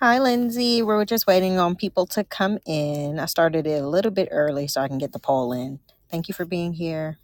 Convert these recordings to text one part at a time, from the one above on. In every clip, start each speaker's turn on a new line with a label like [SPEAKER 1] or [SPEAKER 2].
[SPEAKER 1] Hi, Lindsay. We're just waiting on people to come in. I started it a little bit early so I can get the poll in. Thank you for being here.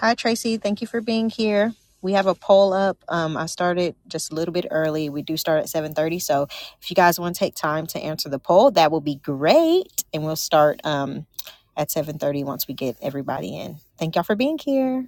[SPEAKER 1] Hi, Tracy. Thank you for being here. We have a poll up. Um, I started just a little bit early. We do start at 7:30. So if you guys want to take time to answer the poll, that will be great. And we'll start um, at 7:30 once we get everybody in. Thank y'all for being here.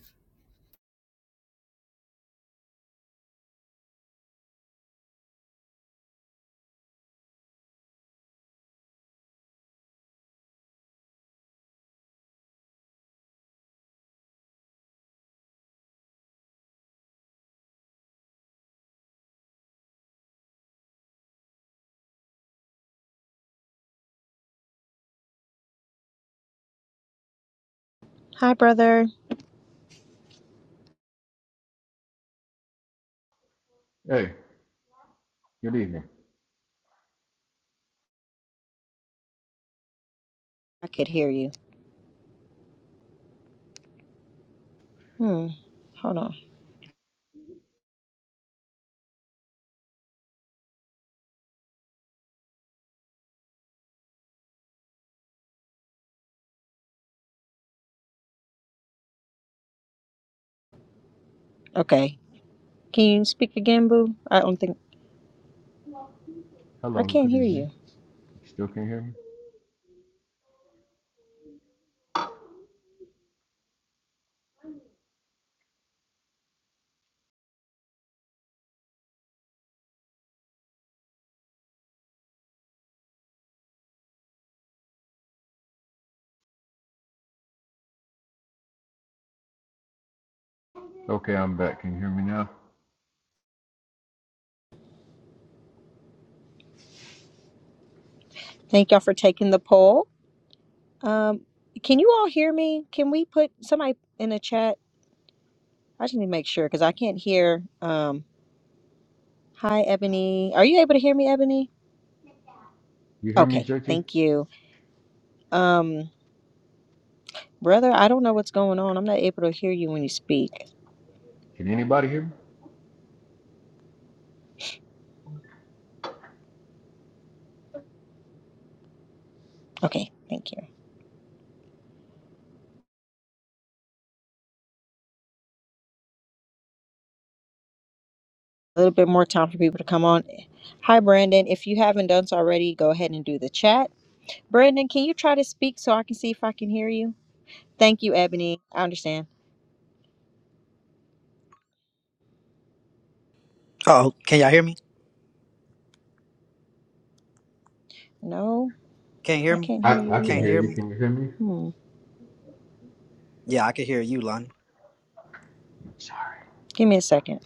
[SPEAKER 1] Hi, brother.
[SPEAKER 2] Hey, good evening.
[SPEAKER 1] I could hear you. Hmm. Hold on. Okay. Can you speak again, boo? I don't think I
[SPEAKER 2] Hello,
[SPEAKER 1] can't
[SPEAKER 2] good
[SPEAKER 1] hear
[SPEAKER 2] evening.
[SPEAKER 1] you.
[SPEAKER 2] You still can't hear me? Okay, I'm back. Can you hear me now?
[SPEAKER 1] Thank y'all for taking the poll. Um, can you all hear me? Can we put somebody in the chat? I just need to make sure because I can't hear. Um, hi, Ebony. Are you able to hear me, Ebony?
[SPEAKER 2] You hear me,
[SPEAKER 1] Okay,
[SPEAKER 2] JT?
[SPEAKER 1] thank you. Um, brother, I don't know what's going on. I'm not able to hear you when you speak.
[SPEAKER 2] Can anybody hear me?
[SPEAKER 1] Okay, thank you. A little bit more time for people to come on. Hi, Brandon. If you haven't done so already, go ahead and do the chat. Brandon, can you try to speak so I can see if I can hear you? Thank you, Ebony. I understand.
[SPEAKER 3] Oh, can y'all hear me?
[SPEAKER 1] No,
[SPEAKER 3] Can't hear
[SPEAKER 1] I
[SPEAKER 3] me?
[SPEAKER 1] can't hear
[SPEAKER 2] I,
[SPEAKER 1] you
[SPEAKER 2] I can
[SPEAKER 3] Can't
[SPEAKER 2] hear
[SPEAKER 1] either.
[SPEAKER 3] hear
[SPEAKER 2] you.
[SPEAKER 3] me?
[SPEAKER 2] Can you hear me?
[SPEAKER 1] Hmm.
[SPEAKER 3] Yeah, I can hear you, Lonnie.
[SPEAKER 2] Sorry.
[SPEAKER 1] Give me a second.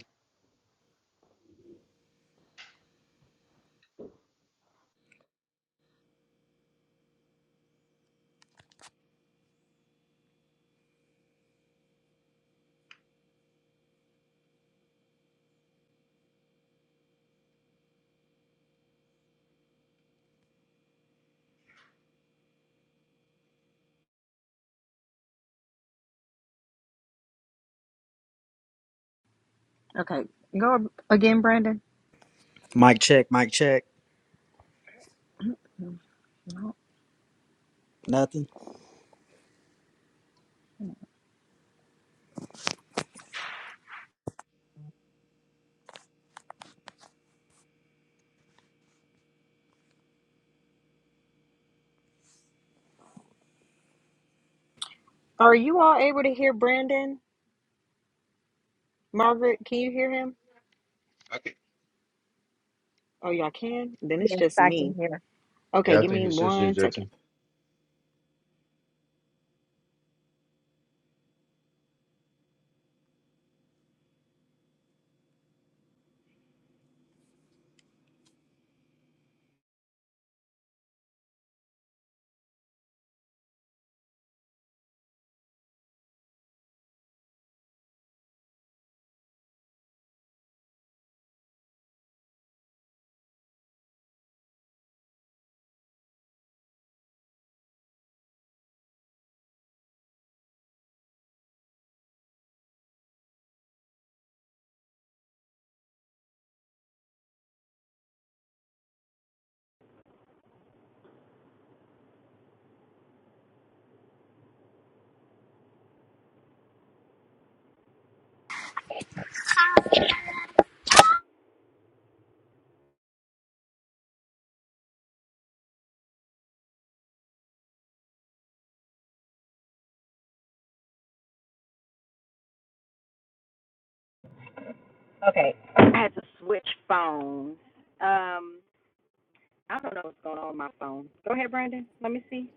[SPEAKER 1] Okay, go again, Brandon.
[SPEAKER 3] Mic check, mic check. Nothing.
[SPEAKER 1] Are you all able to hear Brandon? Margaret, can you hear him?
[SPEAKER 2] Okay.
[SPEAKER 1] Oh, y'all can? Then it's
[SPEAKER 4] Yes,
[SPEAKER 1] just
[SPEAKER 4] I can
[SPEAKER 1] me.
[SPEAKER 4] hear.
[SPEAKER 1] Okay,
[SPEAKER 2] Yeah, I
[SPEAKER 1] give
[SPEAKER 2] think
[SPEAKER 1] me
[SPEAKER 2] it's just you,
[SPEAKER 1] one second.
[SPEAKER 2] JT.
[SPEAKER 5] Okay. I had to switch phone. Um, I don't know what's going on with my phone. Go ahead, Brandon. Let me see.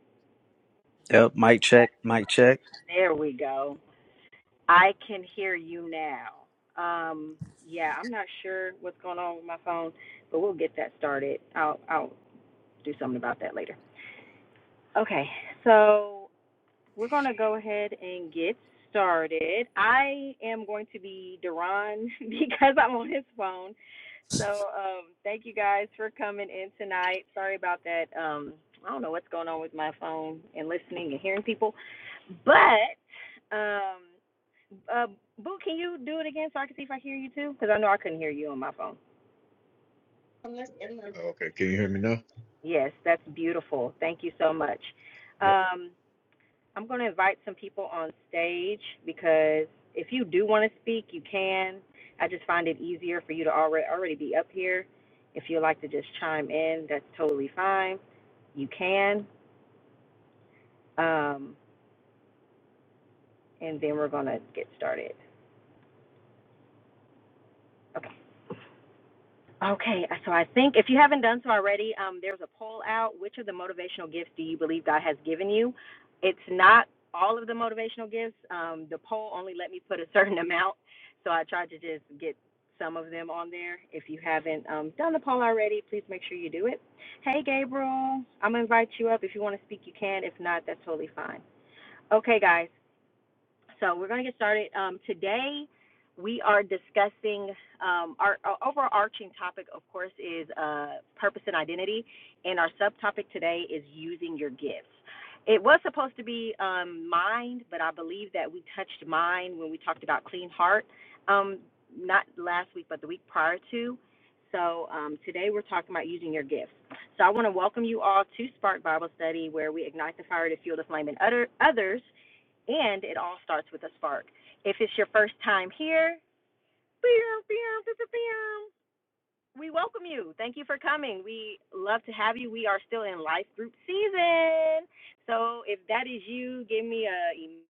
[SPEAKER 3] Yep, mic check, mic check.
[SPEAKER 5] There we go. I can hear you now. Um, yeah, I'm not sure what's going on with my phone, but we'll get that started. I'll I'll do something about that later. Okay. So We're going to go ahead and get started. I am going to be Deron because I'm on his phone. So um, thank you guys for coming in tonight. Sorry about that. Um, I don't know what's going on with my phone and listening and hearing people, but um, uh, Boo, can you do it again so I can see if I hear you too? Because I know I couldn't hear you on my phone.
[SPEAKER 2] oh, okay. Can you hear me now?
[SPEAKER 5] Yes, that's beautiful. Thank you so much.
[SPEAKER 2] Yep.
[SPEAKER 5] Um, I'm going to invite some people on stage because if you do want to speak, you can. I just find it easier for you to already already be up here. If you'd like to just chime in, that's totally fine. You can. Um, and then we're going to get started. Okay, uh, so I think if you haven't done so already, um, there's a poll out. Which of the motivational gifts do you believe God has given you? It's not all of the motivational gifts. Um, the poll only let me put a certain amount, so I tried to just get some of them on there. If you haven't um, done the poll already, please make sure you do it. Hey, Gabriel, I'm going to invite you up. If you want to speak, you can. If not, that's totally fine. Okay, guys. So we're going to get started. Um, today, we are discussing um, our, our overarching topic, of course, is uh, purpose and identity, and our subtopic today is using your gifts. It was supposed to be um, mind, but I believe that we touched mind when we talked about clean heart, um, not last week, but the week prior to. So um, today we're talking about using your gifts. So I want to welcome you all to Spark Bible Study, where we ignite the fire to fuel the flame in other, others and it all starts with a spark. If it's your first time here, we welcome you. Thank you for coming. We love to have you. We are still in life group season. So if that is you, give me a em-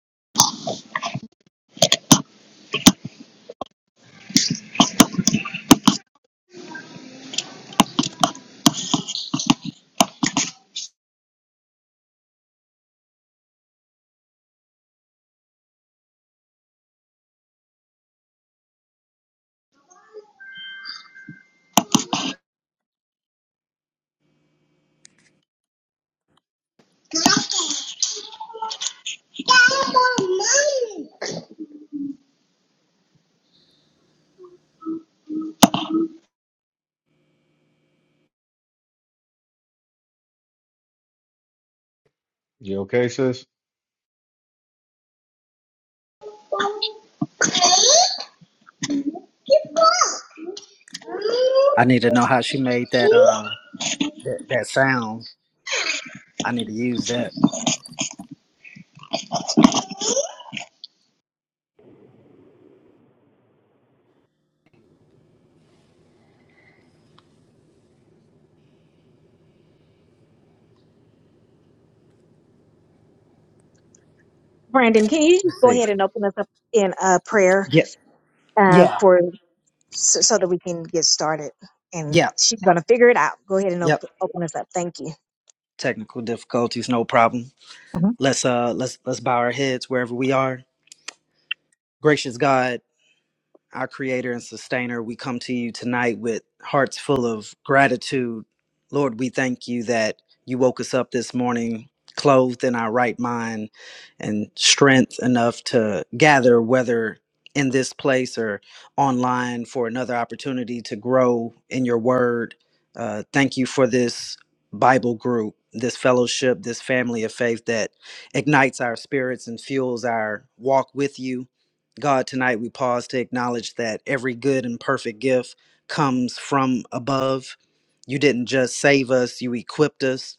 [SPEAKER 2] You okay, sis?
[SPEAKER 3] I need to know how she made that uh that, that sound. I need to use that.
[SPEAKER 4] Brandon, can you just
[SPEAKER 3] Let's
[SPEAKER 4] go
[SPEAKER 3] see.
[SPEAKER 4] ahead and open us up in uh, prayer
[SPEAKER 3] Yeah.
[SPEAKER 4] uh,
[SPEAKER 3] Yeah.
[SPEAKER 4] for so, so that we can get started? And
[SPEAKER 3] Yeah.
[SPEAKER 4] she's going to figure it out. Go ahead and
[SPEAKER 3] Yep.
[SPEAKER 4] op- open us up. Thank you.
[SPEAKER 3] Technical difficulties, no problem.
[SPEAKER 4] Mhm.
[SPEAKER 3] Let's uh let's let's bow our heads wherever we are. Gracious God, our creator and sustainer, we come to you tonight with hearts full of gratitude. Lord, we thank you that you woke us up this morning clothed in our right mind and strength enough to gather, whether in this place or online, for another opportunity to grow in your word. Uh, thank you for this Bible group, this fellowship, this family of faith that ignites our spirits and fuels our walk with you God, tonight we pause to acknowledge that every good and perfect gift comes from above. You didn't just save us, you equipped us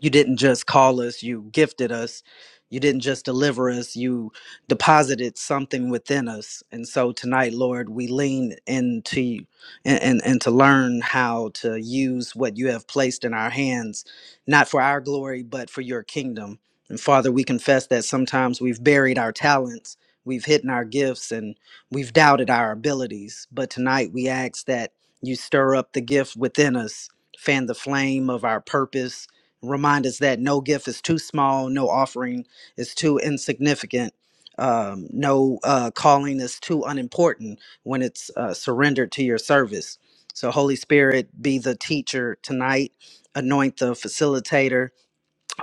[SPEAKER 3] you didn't just call us you gifted us you didn't just deliver us you deposited something within us and so tonight lord we lean into you and, and, and to learn how to use what you have placed in our hands not for our glory but for your kingdom and father we confess that sometimes we've buried our talents we've hidden our gifts and we've doubted our abilities but tonight we ask that you stir up the gift within us fan the flame of our purpose Remind us that no gift is too small, no offering is too insignificant, um, no uh, calling is too unimportant when it's uh, surrendered to your service. So, Holy Spirit, be the teacher tonight, anoint the facilitator,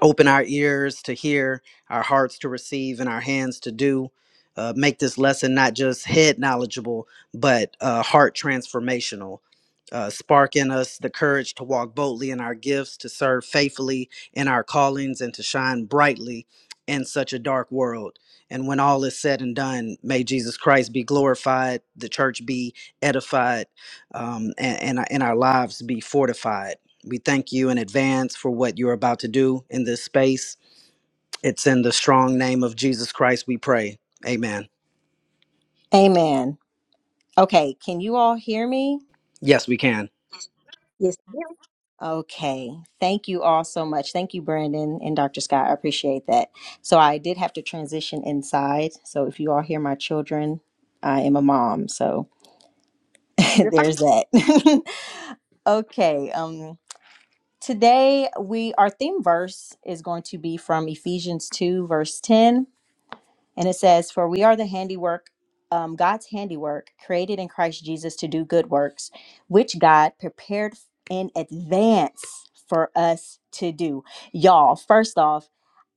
[SPEAKER 3] open our ears to hear, our hearts to receive, and our hands to do. Uh, make this lesson not just head knowledgeable, but uh, heart transformational. Uh, spark in us the courage to walk boldly in our gifts, to serve faithfully in our callings, and to shine brightly in such a dark world. And when all is said and done, may Jesus Christ be glorified, the church be edified, um, and, and, our- and our lives be fortified. We thank you in advance for what you're about to do in this space. It's in the strong name of Jesus Christ we pray. Amen.
[SPEAKER 5] Amen. Okay, can you all hear me?
[SPEAKER 3] Yes, we can.
[SPEAKER 4] Yes, ma'am.
[SPEAKER 5] Okay. Thank you all so much. Thank you, Brandon and Dr. Scott. I appreciate that. So I did have to transition inside. So if you all hear my children, I am a mom. So
[SPEAKER 4] you're fine.
[SPEAKER 5] there's that. okay. Um today we our theme verse is going to be from Ephesians 2 verse 10 and it says, For we are the handiwork, um, God's handiwork, created in Christ Jesus to do good works, which God prepared in advance for us to do. Y'all, first off,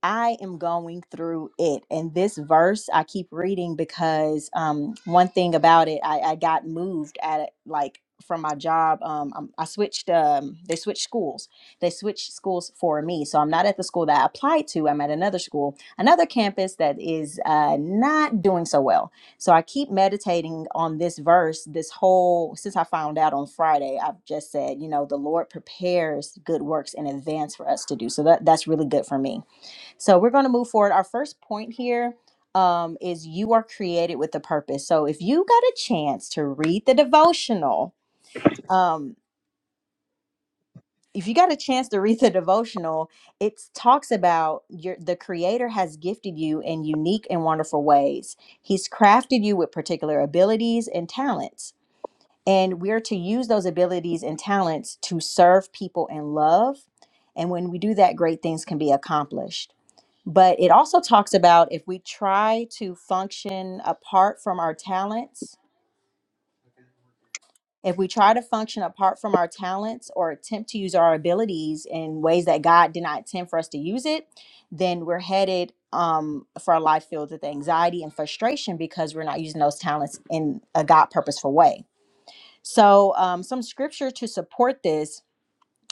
[SPEAKER 5] I am going through it. And this verse I keep reading because um, one thing about it, I, I got moved at it, like from my job. Um, I'm- I switched, um, they switched schools. They switched schools for me. So I'm not at the school that I applied to, I'm at another school another campus that is uh, not doing so well. So I keep meditating on this verse this whole since I found out on Friday. I've just said, you know, the Lord prepares good works in advance for us to do. So that that's really good for me. So we're going to move forward. Our first point here um, is you are created with a purpose. So if you got a chance to read the devotional. um, if you got a chance to read the devotional, it talks about your the creator has gifted you in unique and wonderful ways. He's crafted you with particular abilities and talents. And we're to use those abilities and talents to serve people in love. And when we do that, great things can be accomplished. But it also talks about if we try to function apart from our talents, if we try to function apart from our talents or attempt to use our abilities in ways that God did not intend for us to use it, then we're headed um, for a life filled with anxiety and frustration because we're not using those talents in a God purposeful way. So, um, some scripture to support this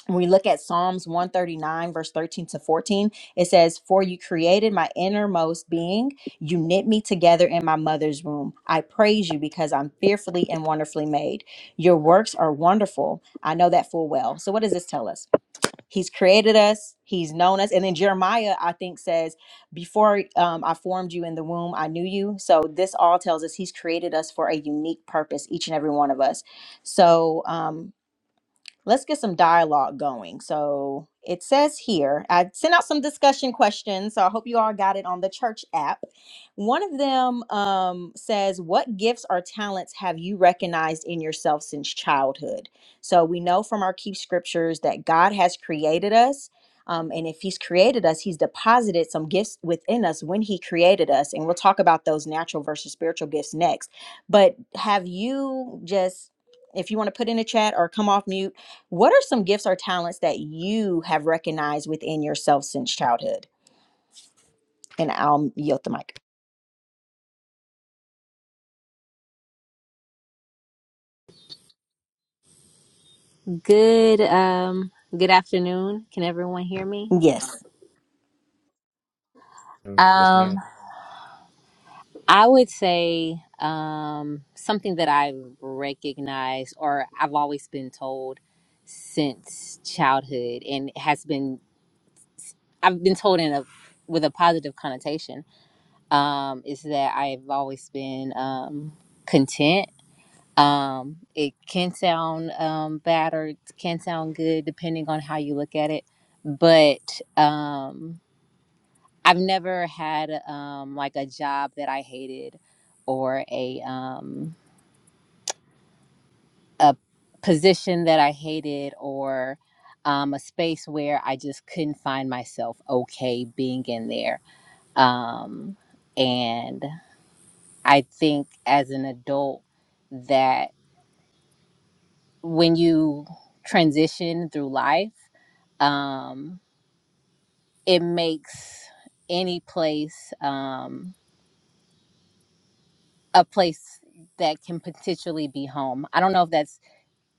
[SPEAKER 5] when we look at Psalms 139, verse 13 to 14, it says, For you created my innermost being. You knit me together in my mother's womb. I praise you because I'm fearfully and wonderfully made. Your works are wonderful. I know that full well. So, what does this tell us? He's created us, he's known us. And then Jeremiah, I think, says, Before um, I formed you in the womb, I knew you. So, this all tells us he's created us for a unique purpose, each and every one of us. So, um, let's get some dialogue going. So it says here, I sent out some discussion questions. So I hope you all got it on the church app. One of them um, says, What gifts or talents have you recognized in yourself since childhood? So we know from our key scriptures that God has created us. Um, and if he's created us, he's deposited some gifts within us when he created us. And we'll talk about those natural versus spiritual gifts next. But have you just if you want to put in a chat or come off mute what are some gifts or talents that you have recognized within yourself since childhood? And I'll yield the mic.
[SPEAKER 6] Good um good afternoon. Can everyone hear me?
[SPEAKER 5] Yes,
[SPEAKER 2] Mm, Yes,
[SPEAKER 6] Um
[SPEAKER 2] ma'am.
[SPEAKER 6] I would say um something that I recognize or I've always been told since childhood and has been I've been told in a with a positive connotation um is that I've always been um content. Um it can sound um bad or it can sound good depending on how you look at it, but um I've never had um, like a job that I hated or a um, a position that I hated or um, a space where I just couldn't find myself okay being in there. Um, and I think as an adult that when you transition through life, um, it makes any place. Um, a place that can potentially be home. I don't know if that's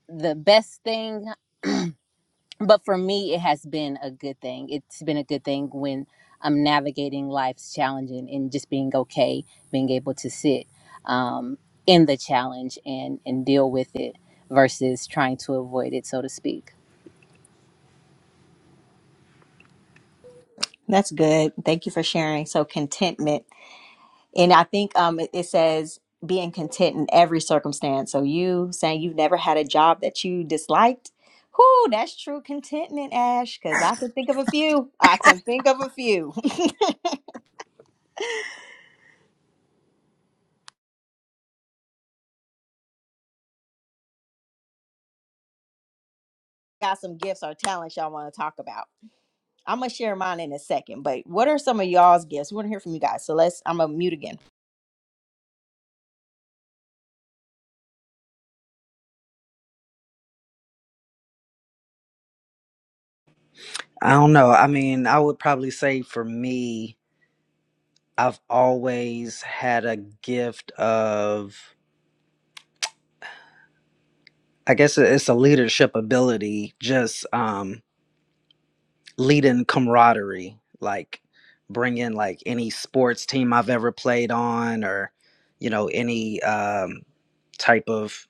[SPEAKER 6] the best thing, but for me, it has been a good thing. It's been a good thing when I'm navigating life's challenges and and just being okay, being able to sit um, in the challenge and, and deal with it versus trying to avoid it, so to speak.
[SPEAKER 5] that's good. Thank you for sharing. So contentment, and I think um, it, it says being content in every circumstance. So you saying you've never had a job that you disliked. Whoo, that's true contentment, Ash. Because I can think of a few. I can think of a few. Got some gifts or talents y'all want to talk about. I'm gonna share mine in a second. But what are some of y'all's gifts? We want to hear from you guys. So let's. I'm gonna mute again.
[SPEAKER 3] I don't know. I mean, I would probably say for me, I've always had a gift of, I guess it's a leadership ability, just um, leading camaraderie, like bringing like any sports team I've ever played on or, you know, any um, type of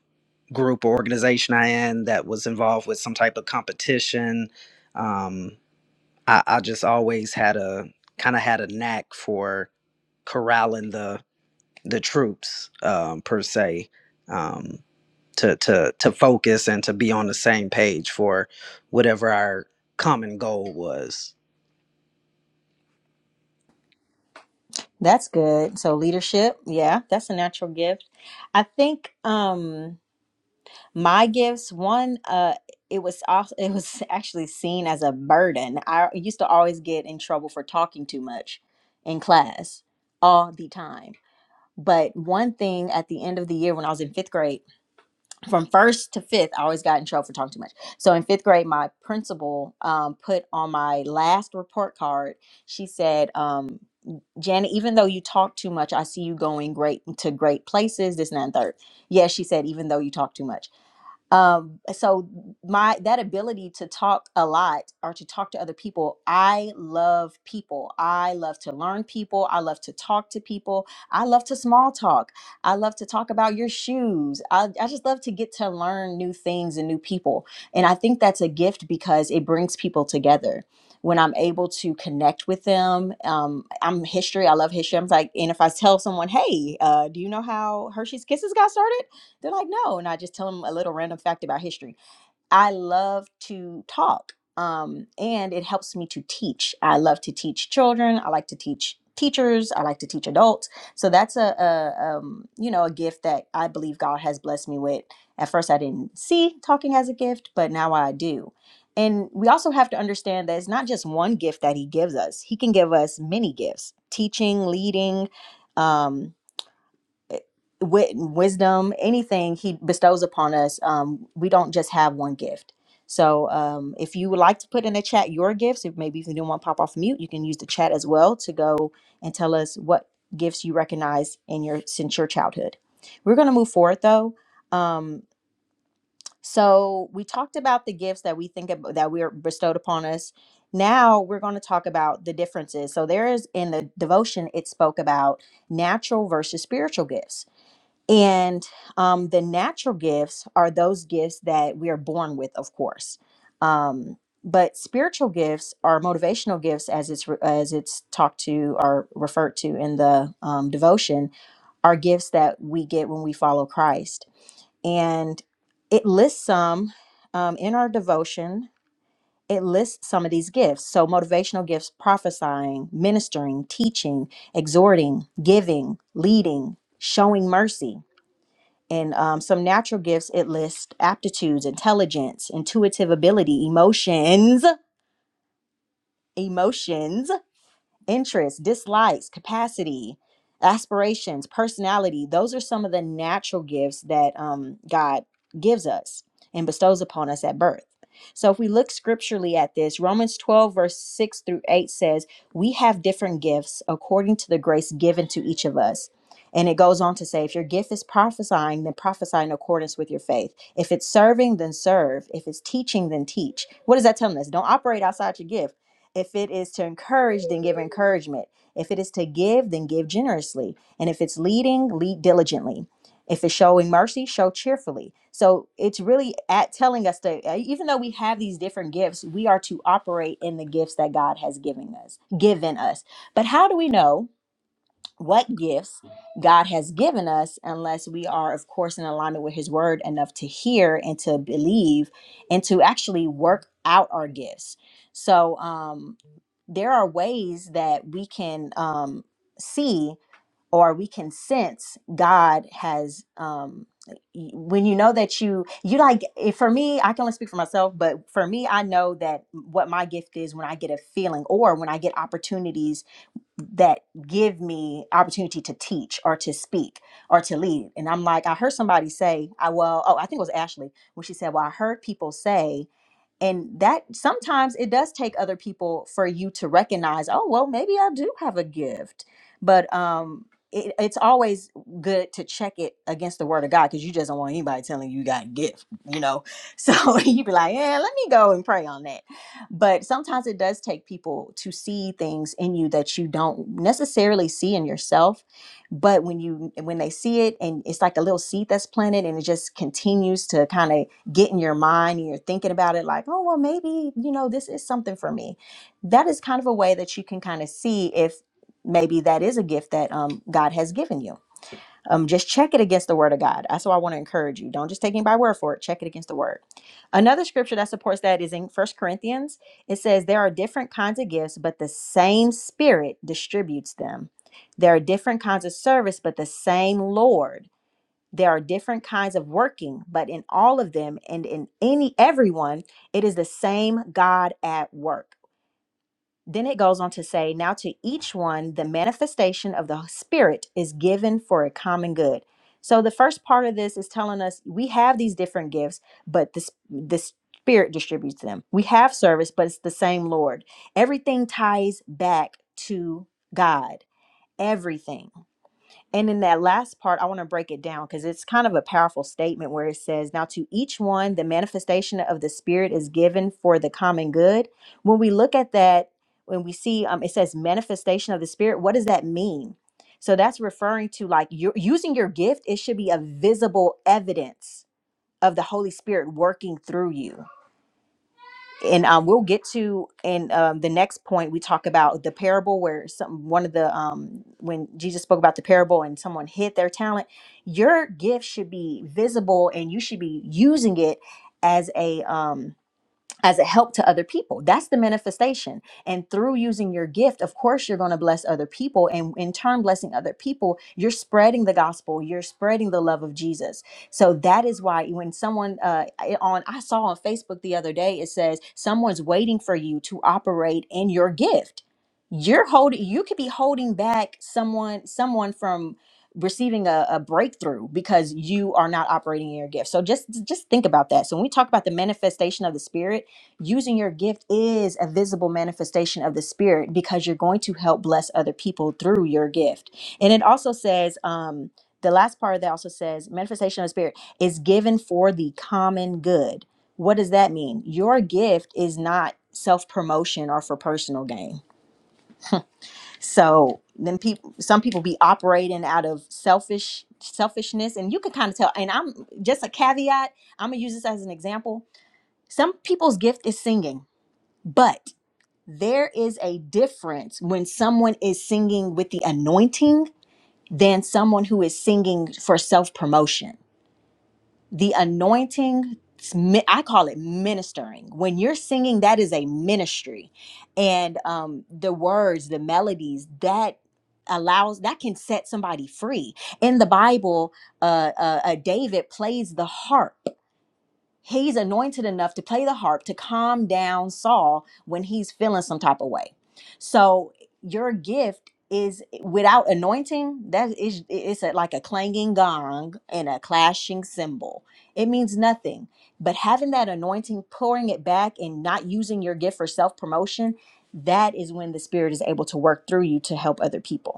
[SPEAKER 3] group or organization I in that was involved with some type of competition. Um, I, I just always had a kind of had a knack for corralling the the troops um, per se. Um, to to to focus and to be on the same page for whatever our common goal was.
[SPEAKER 5] That's good. So leadership, yeah, that's a natural gift. I think um my gifts, one uh it was also it was actually seen as a burden. I used to always get in trouble for talking too much in class all the time. But one thing at the end of the year when I was in 5th grade from first to fifth, I always got in trouble for talking too much. So in fifth grade, my principal um, put on my last report card, she said, um, Janet, even though you talk too much, I see you going great to great places, this, and that, and third. Yes, she said, even though you talk too much um so my that ability to talk a lot or to talk to other people i love people i love to learn people i love to talk to people i love to small talk i love to talk about your shoes i, I just love to get to learn new things and new people and i think that's a gift because it brings people together when i'm able to connect with them um, i'm history i love history i'm like and if i tell someone hey uh, do you know how hershey's kisses got started they're like, no. And I just tell them a little random fact about history. I love to talk. Um, and it helps me to teach. I love to teach children. I like to teach teachers. I like to teach adults. So that's a, a um, you know, a gift that I believe God has blessed me with. At first, I didn't see talking as a gift, but now I do. And we also have to understand that it's not just one gift that He gives us. He can give us many gifts: teaching, leading, um, wit wisdom, anything he bestows upon us, um, we don't just have one gift. So um, if you would like to put in the chat your gifts, if maybe if you don't want to pop off mute, you can use the chat as well to go and tell us what gifts you recognize in your since your childhood. We're going to move forward though. Um, so we talked about the gifts that we think about, that we are bestowed upon us. Now we're going to talk about the differences. So there is in the devotion it spoke about natural versus spiritual gifts. And um, the natural gifts are those gifts that we are born with, of course. Um, but spiritual gifts are motivational gifts, as it's re- as it's talked to or referred to in the um, devotion, are gifts that we get when we follow Christ. And it lists some um, in our devotion. It lists some of these gifts. So motivational gifts: prophesying, ministering, teaching, exhorting, giving, leading, showing mercy and um, some natural gifts it lists aptitudes intelligence intuitive ability emotions emotions interests, dislikes, capacity, aspirations, personality. Those are some of the natural gifts that um, God gives us and bestows upon us at birth. So if we look scripturally at this, Romans 12, verse 6 through 8 says, We have different gifts according to the grace given to each of us. And it goes on to say, if your gift is prophesying, then prophesy in accordance with your faith. If it's serving, then serve. If it's teaching, then teach. What is that telling us? Don't operate outside your gift if it is to encourage, then give encouragement. If it is to give, then give generously. And if it's leading, lead diligently. If it's showing mercy, show cheerfully. So it's really at telling us that uh, even though we have these different gifts, we are to operate in the gifts that God has given us, given us. But how do we know? what gifts God has given us unless we are, of course, in alignment with His Word enough to hear and to believe and to actually work out our gifts. So, um, there are ways that we can um, see or we can sense God has. Um, y- when you know that you you like eh, for me i can only speak for myself but for me i know that what my gift is when i get a feeling or when i get opportunities that give me opportunity to teach or to speak or to lead. And I'm like, I heard somebody say, I well, oh, I think it was Ashley when she said, Well, I heard people say and that sometimes it does take other people for you to recognize oh well maybe i do have a gift but um it, it's always good to check it against the word of god because you just don't want anybody telling you you got a gift you know so you'd be like yeah let me go and pray on that but sometimes it does take people to see things in you that you don't necessarily see in yourself but when you when they see it and it's like a little seed that's planted and it just continues to kind of get in your mind and you're thinking about it like, oh, well, maybe, you know, this is something for me. That is kind of a way that you can kind of see if maybe that is a gift that um, God has given you. Um, just check it against the word of God. That's what I want to encourage you. Don't just take me by word for it. Check it against the word. Another scripture that supports that is in First Corinthians. It says, There are different kinds of gifts, but the same Spirit distributes them. There are different kinds of service, but the same Lord. There are different kinds of working, but in all of them and in any everyone, it is the same God at work. Then it goes on to say, Now to each one, the manifestation of the Spirit is given for a common good. So the first part of this is telling us we have these different gifts, but this the the Spirit distributes them. We have service, but it's the same Lord. Everything ties back to God. Everything. And in that last part, I want to break it down because it's kind of a powerful statement where it says, Now to each one, the manifestation of the Spirit is given for the common good. When we look at that, when we see um, it says manifestation of the Spirit, what does that mean? So that's referring to like you using your gift, it should be a visible evidence of the Holy Spirit working through you and um, we'll get to in um, the next point we talk about the parable where some one of the um, when jesus spoke about the parable and someone hid their talent your gift should be visible and you should be using it as a um, as a help to other people. That's the manifestation. And through using your gift, of course, you're going to bless other people. And in turn, blessing other people, you're spreading the gospel, you're spreading the love of Jesus. So that is why when someone uh, eh, on, I saw on Facebook the other day, it says, someone's waiting for you to operate in your gift. You're holding, you could be holding back someone, someone from receiving a, a breakthrough because you are not operating in your gift so just just think about that so when we talk about the manifestation of the spirit using your gift is a visible manifestation of the spirit because you're going to help bless other people through your gift and it also says um the last part of that also says manifestation of the spirit is given for the common good what does that mean your gift is not self-promotion or for personal gain so then people some people be operating out of selfish selfishness and you can kind of tell and i'm just a caveat i'm gonna use this as an example some people's gift is singing but there is a difference when someone is singing with the anointing than someone who is singing for self promotion. The anointing, it's mi- I call it ministering. When you're singing, that is a ministry. And um, the words, the melodies, that allows that can set somebody free in the bible uh, uh uh david plays the harp he's anointed enough to play the harp to calm down Saul when he's feeling some type of way. So your gift is without anointing that is it's a, like a clanging gong and a clashing cymbal it means nothing but having that anointing pouring it back and not using your gift for self-promotion that is when the spirit is able to work through you to help other people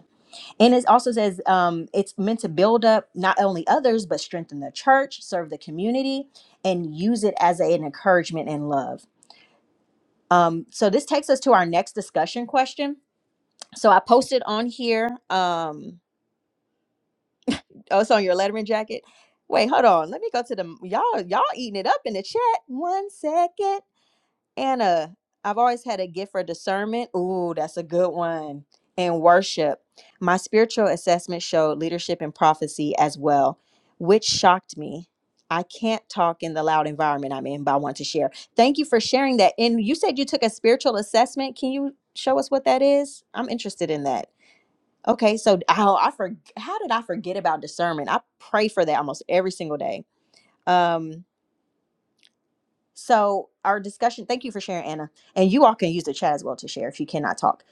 [SPEAKER 5] and it also says um, it's meant to build up not only others, but strengthen the church, serve the community, and use it as an encouragement and love. Um, so this takes us to our next discussion question. So I posted on here. Um, oh, it's on your Letterman jacket. Wait, hold on. Let me go to the y'all. Y'all eating it up in the chat. One second. Anna, I've always had a gift for discernment. Ooh, that's a good one. And worship. My spiritual assessment showed leadership and prophecy as well, which shocked me. I can't talk in the loud environment I'm in, but I want to share. Thank you for sharing that. And you said you took a spiritual assessment. Can you show us what that is? I'm interested in that. Okay, so oh, I for, how did I forget about discernment? I pray for that almost every single day. Um, so our discussion, thank you for sharing, Anna. And you all can use the chat as well to share if you cannot talk.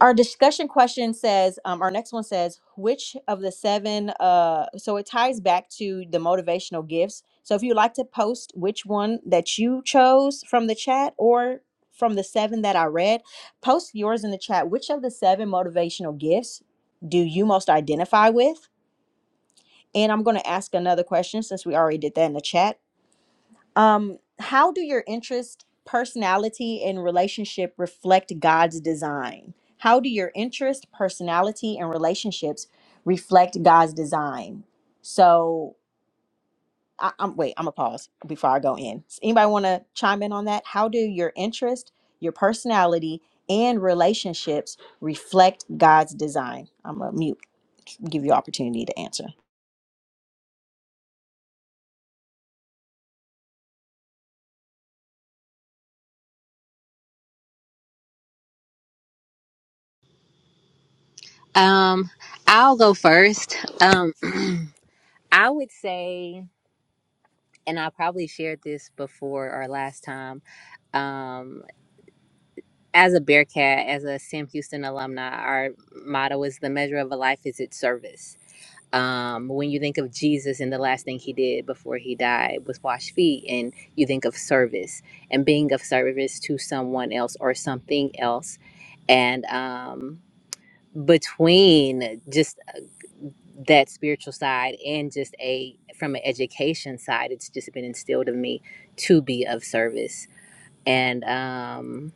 [SPEAKER 5] Our discussion question says, um, our next one says, which of the seven, uh, so it ties back to the motivational gifts. So if you'd like to post which one that you chose from the chat or from the seven that I read, post yours in the chat. Which of the seven motivational gifts do you most identify with? And I'm going to ask another question since we already did that in the chat um, how do your interest, personality, and relationship reflect God's design? How do your interest, personality, and relationships reflect God's design? So, I, I'm wait. I'm gonna pause before I go in. Does anybody want to chime in on that? How do your interest, your personality, and relationships reflect God's design? I'm gonna mute. Give you opportunity to answer.
[SPEAKER 6] Um, I'll go first. Um, I would say, and I probably shared this before or last time. um, as a Bearcat, as a Sam Houston alumni, our motto is the measure of a life is its service. Um, when you think of Jesus and the last thing he did before he died was wash feet, and you think of service and being of service to someone else or something else. And um, between just uh, that spiritual side and just a from an education side, it's just been instilled in me to be of service. And um,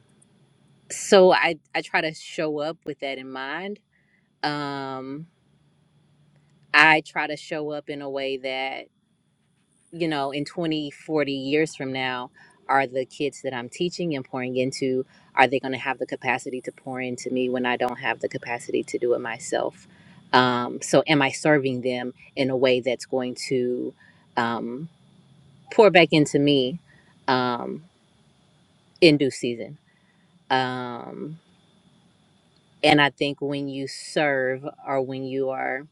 [SPEAKER 6] so i i try to show up with that in mind um i try to show up in a way that you know in 20 40 years from now are the kids that i'm teaching and pouring into are they going to have the capacity to pour into me when i don't have the capacity to do it myself um so am i serving them in a way that's going to um pour back into me um in due season Um, And I think when you serve or when you are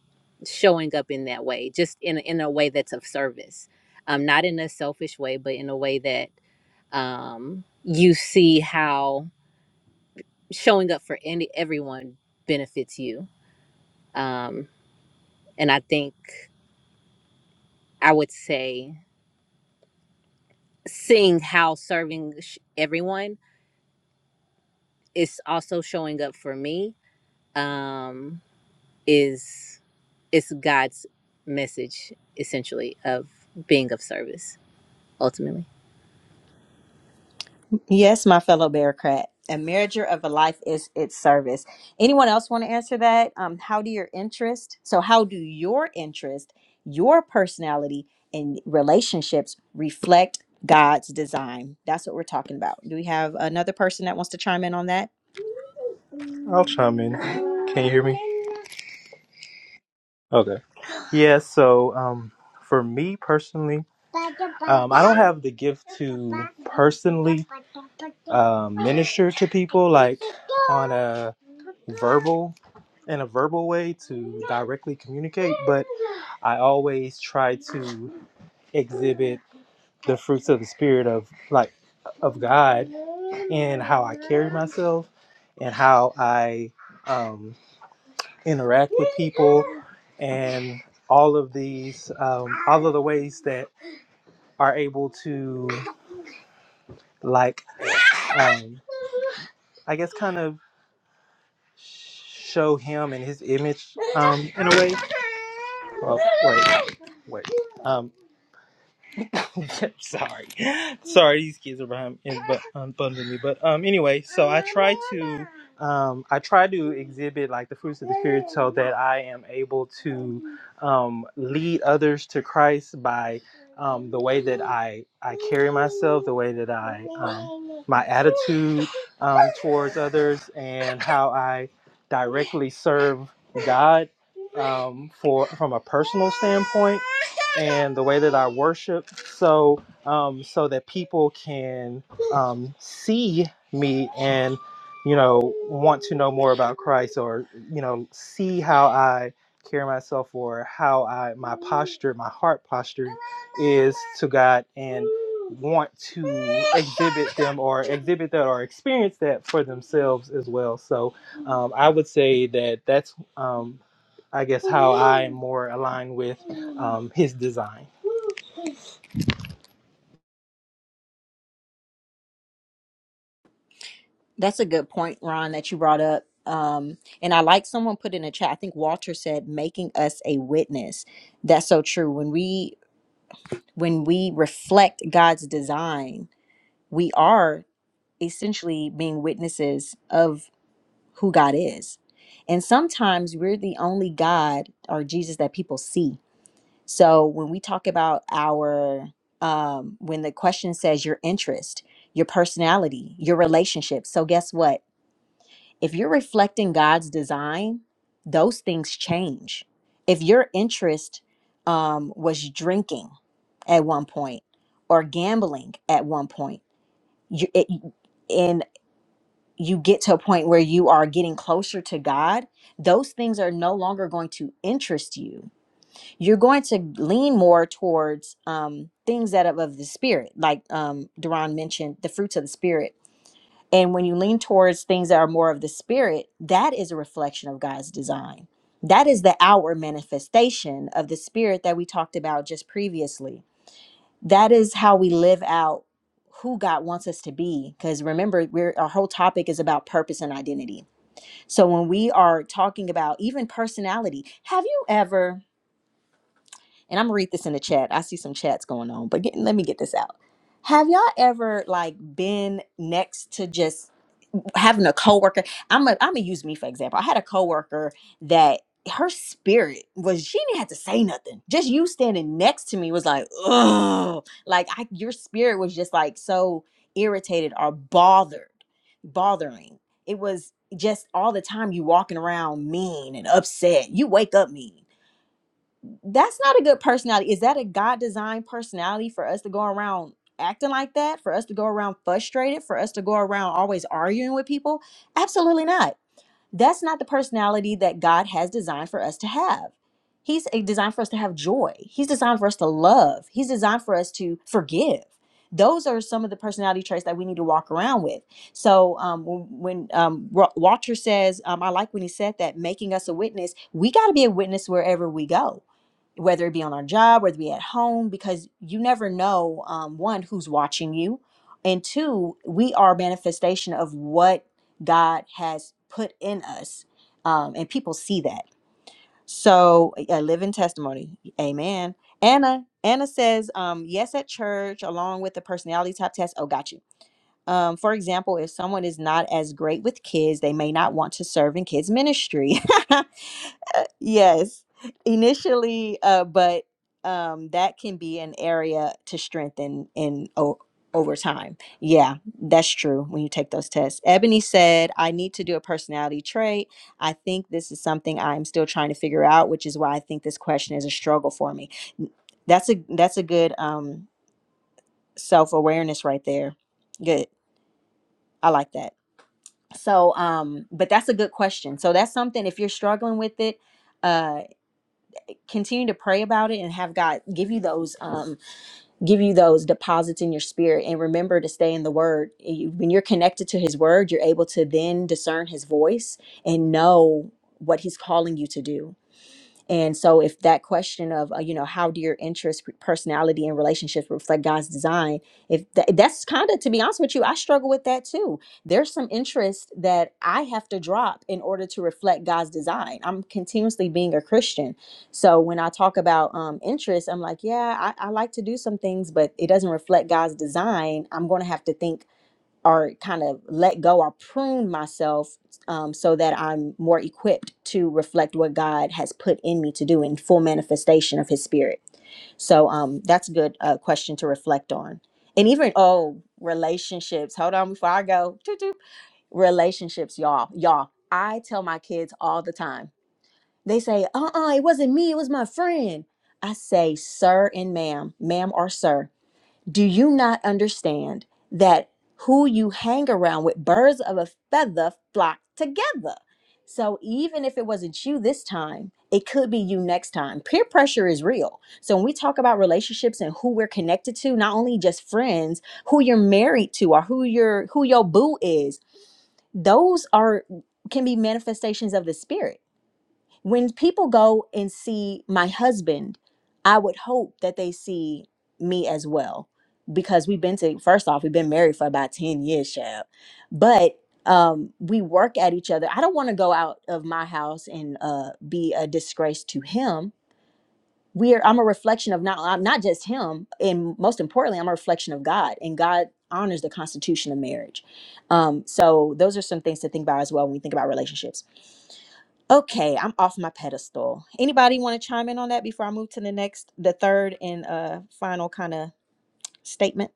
[SPEAKER 6] showing up in that way, just in, in a way that's of service, um, not in a selfish way, but in a way that um, you see how showing up for any everyone benefits you. Um, and I think I would say seeing how serving sh- everyone is also showing up for me um, is it's God's message essentially of being of service. ultimately
[SPEAKER 5] Yes, my fellow bureaucrat. A measure of a life is its service. Anyone else want to answer that? Um, how do your interest? So, how do your interest, your personality, and relationships reflect God's design? That's what we're talking about. Do we have another person that wants to chime in on that?
[SPEAKER 1] I'll chime in. Can you hear me? Okay. Yeah, so um, for me personally, um, I don't have the gift to personally um, minister to people like on a verbal in a verbal way to directly communicate, but I always try to. exhibit the fruits of the spirit of like of God in how I carry myself and how I um, interact with people and all of these um, all of the ways that are able to like um, I guess kind of show him and his image um, in a way. Oh, wait, wait. Um, sorry, sorry, these kids are behind in, but um, bumping me. But um, anyway, so I try to um, I try to exhibit like the fruits of the spirit so that I am able to um, lead others to Christ by um, the way that I I carry myself, the way that I um, my attitude um, towards others, and how I directly serve God um, for from a personal standpoint and the way that I worship, so um, so that people can um, see me and you know want to know more about Christ or you know see how I carry myself or how I my posture, my heart posture is to God and want to exhibit them or exhibit that or experience that for themselves as well. So um, I would say that that's um, I guess how I'm more aligned with um, his design.
[SPEAKER 5] That's a good point, Ron, that you brought up. Um, and I like someone put in a chat. I think Walter said, "Making us a witness." That's so true. When we when we reflect God's design, we are essentially being witnesses of who God is. And sometimes we're the only God or Jesus that people see. So when we talk about our um, when the question says your interest, your personality, your relationship. So guess what? if you're reflecting God's design, those things change. If your interest um, was drinking at one point or gambling at one point, you, it, and you get to a point where you are getting closer to God, those things are no longer going to interest you. You're going to lean more towards um, things that are of the Spirit, like um, Duran mentioned, the fruits of the Spirit and when you lean towards things that are more of the spirit, that is a reflection of God's design. That is the outward manifestation of the spirit that we talked about just previously. That is how we live out who God wants us to be. Because remember, we're, our whole topic is about purpose and identity. So when we are talking about even personality, have you ever, and I'm gonna read this in the chat, I see some chats going on, but get, let me get this out. Have y'all ever like been next to just having a coworker. I'm a, I'm gonna use me for example. I had a coworker that her spirit was she didn't have to say nothing. Just you standing next to me was like, oh, like I, your spirit was just like so irritated or bothered, bothering. It was just all the time you walking around mean and upset. You wake up mean that's not a good personality. Is that a God designed personality for us to go around acting like that? For us to go around frustrated? For us to go around always arguing with people? Absolutely not. That's not the personality that God has designed for us to have. He's uh, designed for us to have joy. He's designed for us to love. He's designed for us to forgive. Those are some of the personality traits that we need to walk around with. So um, when when, um, Wa- Walter says, um, I like when he said that, making us a witness, we got to be a witness wherever we go whether it be on our job, whether it be at home, because you never know um, one who's watching you, and two, we are a manifestation of what God has put in us. Um, and people see that. So a living testimony. Amen. Anna, Anna says, um, yes at church, along with the personality type test. Oh, gotcha. Um, for example, if someone is not as great with kids, they may not want to serve in kids' ministry. yes, initially, uh, but um, that can be an area to strengthen in o- over time. Yeah, that's true when you take those tests. Ebony said, I need to do a personality trait. I think this is something I'm still trying to figure out, which is why I think this question is a struggle for me. N- That's a that's a good um, self awareness right there. Good, I like that so um but that's a good question so that's something if you're struggling with it uh continue to pray about it and have god give you those um give you those deposits in your spirit and remember to stay in the word You- when you're connected to his word you're able to then discern his voice and know what he's calling you to do and so, if that question of, uh, you know, how do your interests, p- personality, and relationships reflect God's design, if tha- that's kind of, to be honest with you, I struggle with that too. There's some interest that I have to drop in order to reflect God's design. I'm continuously being a Christian. So, when I talk about um, interests, I'm like, yeah, I, I like to do some things, but it doesn't reflect God's design. I'm going to have to think or kind of let go or prune myself um, so that I'm more equipped to reflect what God has put in me to do in full manifestation of His Spirit. So um, that's a good uh, question to reflect on. And even, oh, relationships. Hold on before I go. Toot, toot. Relationships, y'all. Y'all, I tell my kids all the time. They say, uh uh it wasn't me, it was my friend. I say, sir and ma'am, ma'am or sir. Do you not understand that who you hang around with, birds of a feather flock together? So even if it wasn't you this time, it could be you next time. Peer pressure is real. So when we talk about relationships and who we're connected to, not only just friends, who you're married to or who your who your boo is, those are can be manifestations of the spirit when people go and see my husband, I would hope that they see me as well because we've been to first off we've been married for about 10 years Shab. but um we work at each other i don't want to go out of my house and uh be a disgrace to him we're i'm a reflection of not I'm not just him and most importantly i'm a reflection of god and god honors the constitution of marriage um so those are some things to think about as well when we think about relationships Okay, I'm off my pedestal. Anybody want to chime in on that before I move to the next, the third and uh final kind of statement?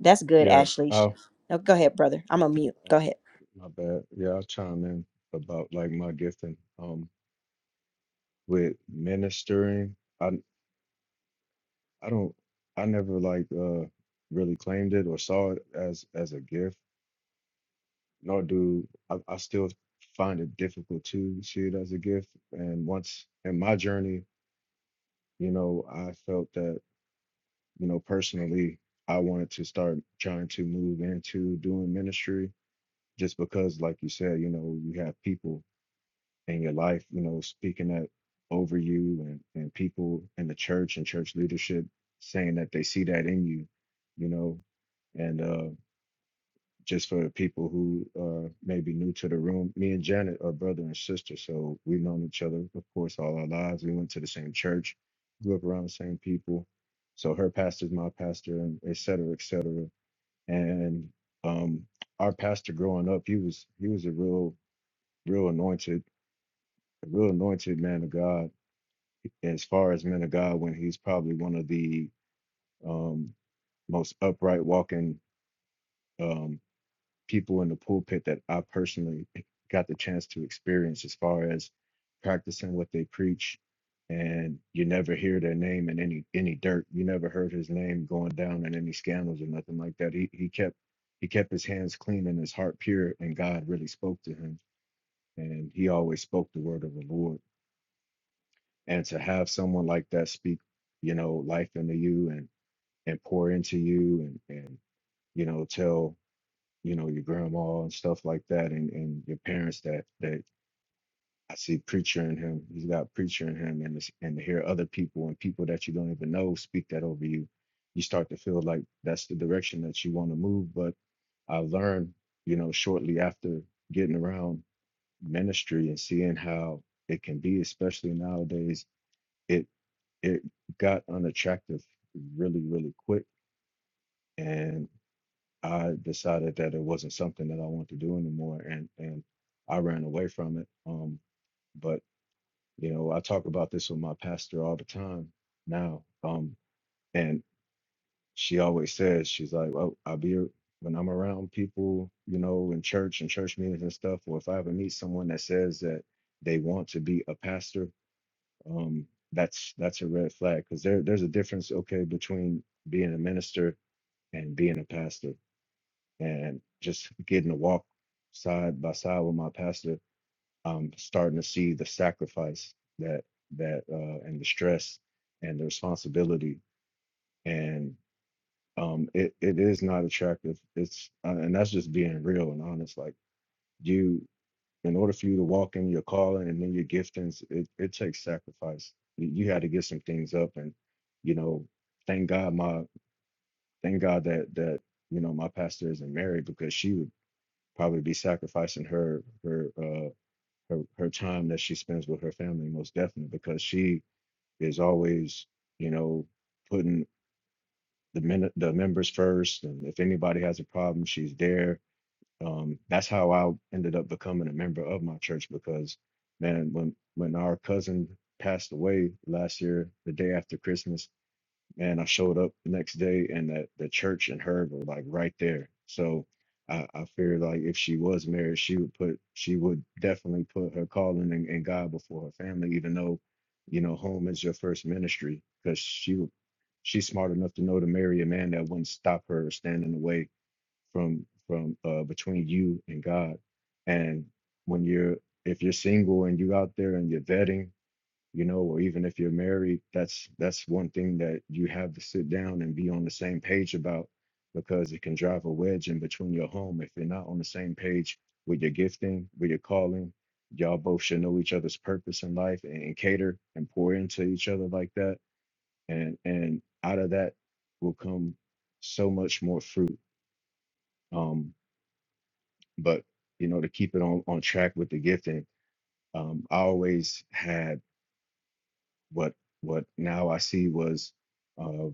[SPEAKER 5] That's good,
[SPEAKER 2] Yeah.
[SPEAKER 5] Ashley. Sh-
[SPEAKER 2] Oh,
[SPEAKER 5] No, go ahead, brother. I'm on mute. Go ahead.
[SPEAKER 2] my bad. Yeah, I'll chime in about like my gifting. Um, with ministering, I I don't I never like uh really claimed it or saw it as as a gift. No, dude, I, I still find it difficult to see it as a gift. And once in my journey, you know, I felt that, you know, personally, I wanted to start trying to move into doing ministry just because, like you said, you know, you have people in your life, you know, speaking that over you and, and people in the church and church leadership saying that they see that in you, you know. And uh just for people who uh, may be new to the room, me and Janet are brother and sister, so we've known each other, of course, all our lives. We went to the same church, grew up around the same people. So her pastor's my pastor, and et cetera, et cetera. And um, our pastor growing up, he was he was a real, real anointed, a real anointed man of God. As far as men of God, when he's probably one of the um, most upright walking. um, people in the pulpit that I personally got the chance to experience as far as practicing what they preach and you never hear their name in any any dirt. You never heard his name going down in any scandals or nothing like that. He he kept he kept his hands clean and his heart pure and God really spoke to him and he always spoke the word of the Lord. And to have someone like that speak, you know, life into you and and pour into you and and you know tell you know, your grandma and stuff like that, and, and your parents that that I see preacher in him. He's got preacher in him, and it's, and to hear other people and people that you don't even know speak that over you, you start to feel like that's the direction that you want to move. But I learned, you know, shortly after getting around ministry and seeing how it can be, especially nowadays, it it got unattractive really, really quick. and. I decided that it wasn't something that I wanted to do anymore, and and I ran away from it. Um, but you know, I talk about this with my pastor all the time now, um, and she always says she's like, "Well, I'll be a- when I'm around people, you know, in church and church meetings and stuff, or if I ever meet someone that says that they want to be a pastor, um, that's that's a red flag because there there's a difference, okay, between being a minister and being a pastor and just getting to walk side by side with my pastor, I'm starting to see the sacrifice that that uh, and the stress and the responsibility, and um, it it is not attractive. It's uh, and that's just being real and honest. Like you, in order for you to walk in your calling and then your giftings, it it takes sacrifice. You, you had to give some things up, and you know, thank God my thank God that that you know my pastor isn't married because she would probably be sacrificing her her uh her, her time that she spends with her family most definitely because she is always you know putting the men the members first and if anybody has a problem she's there um that's how I ended up becoming a member of my church because man when when our cousin passed away last year the day after Christmas man, I showed up the next day and the, the church and her were like right there. So I, I fear like if she was married, she would put she would definitely put her calling and, and God before her family, even though, you know, home is your first ministry, because she would- she's smart enough to know to marry a man that wouldn't stop her or stand in the way from from uh between you and God. And when you're if you're single and you out there and you're vetting you know or even if you're married that's that's one thing that you have to sit down and be on the same page about because it can drive a wedge in between your home if you're not on the same page with your gifting with your calling y'all both should know each other's purpose in life and, and cater and pour into each other like that and and out of that will come so much more fruit um but you know to keep it on on track with the gifting um i always had what what now I see was uh,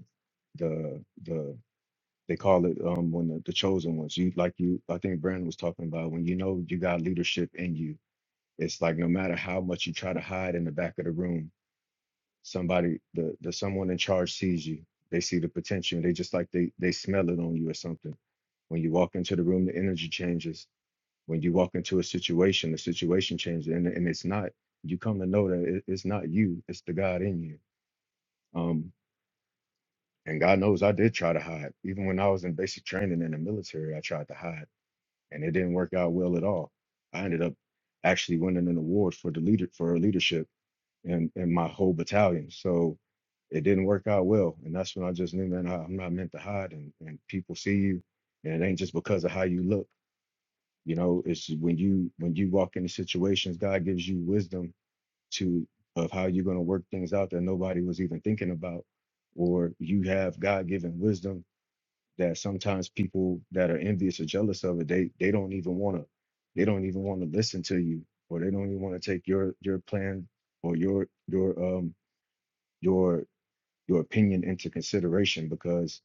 [SPEAKER 2] the the they call it um, when the, the chosen ones. You like you I think Brandon was talking about when you know you got leadership in you. It's like no matter how much you try to hide in the back of the room, somebody the the someone in charge sees you. They see the potential. They just like they they smell it on you or something. When you walk into the room, the energy changes. When you walk into a situation, the situation changes, and and it's not. You come to know that it, it's not you. It's the God in you Um, And God knows I did try to hide. Even when I was in basic training in the military, I tried to hide, and it didn't work out well at all. I ended up actually winning an award for the leader for leadership in, in my whole battalion. So it didn't work out well, and that's when I just knew, man, I, I'm not meant to hide, and, and people see you, and it ain't just because of how you look. You know, it's when you when you walk into situations, God gives you wisdom to of how you're going to work things out that nobody was even thinking about, or you have God given wisdom that sometimes people that are envious or jealous of it, they they don't even want to, they don't even want to listen to you, or they don't even want to take your your plan or your your um your your opinion into consideration because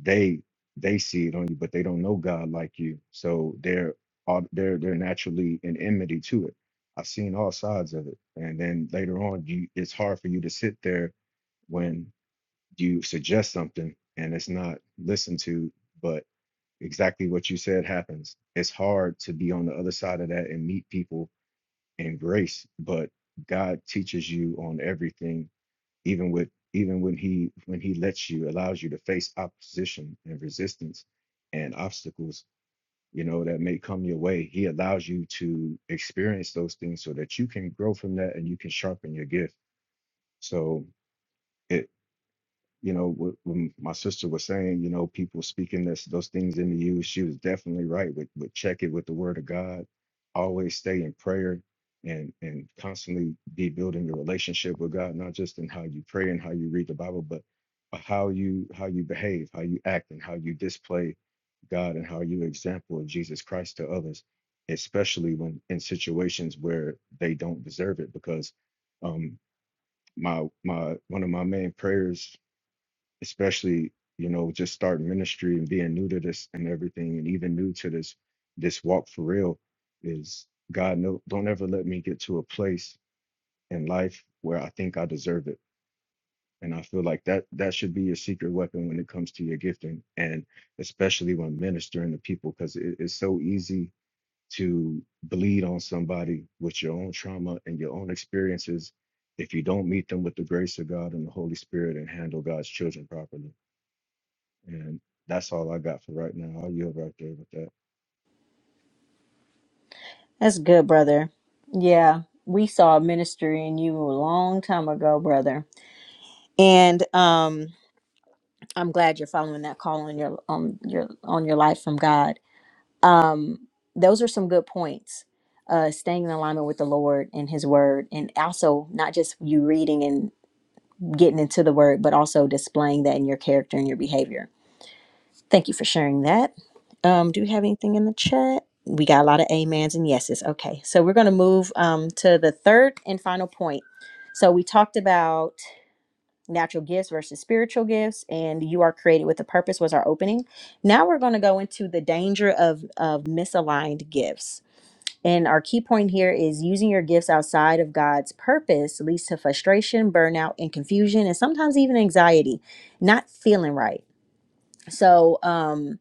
[SPEAKER 2] they they see it on you, but they don't know God like you, so they're au- they're they're naturally in enmity to it. I've seen all sides of it, and then later on, you it's hard for you to sit there when you suggest something and it's not listened to, but exactly what you said happens. It's hard to be on the other side of that and meet people in grace, but God teaches you on everything, even with even when he when he lets you allows you to face opposition and resistance and obstacles you know that may come your way he allows you to experience those things so that you can grow from that and you can sharpen your gift so it you know, wh- when my sister was saying, you know, people speaking this, those things into you, she was definitely right. With, with check it with the word of God, always stay in prayer and and constantly be building your relationship with God, not just in how you pray and how you read the Bible, but uh, how you how you behave, how you act, and how you display God and how you example of Jesus Christ to others, especially when in situations where they don't deserve it. Because um, my my one of my main prayers especially you know just starting ministry and being new to this and everything and even new to this this walk for real is god no don't ever let me get to a place in life where i think i deserve it and i feel like that that should be your secret weapon when it comes to your gifting and especially when ministering to people because it, it's so easy to bleed on somebody with your own trauma and your own experiences if you don't meet them with the grace of god and the holy spirit and handle god's children properly and that's all I got for right now. I'll yield right there with that.
[SPEAKER 5] That's good, brother. Yeah, we saw a ministry in you a long time ago, brother. And um, I'm glad you're following that call on your on your on your life from God. Um, those are some good points. Uh, staying in alignment with the Lord and His Word, and also not just you reading getting into the word, but also displaying that in your character and your behavior. Thank you for sharing that. Um, do we have anything in the chat? We got a lot of amens and yeses. Okay, so we're going to move um, to the third and final point. So we talked about natural gifts versus spiritual gifts, and you are created with a purpose was our opening. Now we're going to go into the danger of of misaligned gifts. And our key point here is using your gifts outside of God's purpose leads to frustration, burnout, and confusion, and sometimes even anxiety, not feeling right. So um,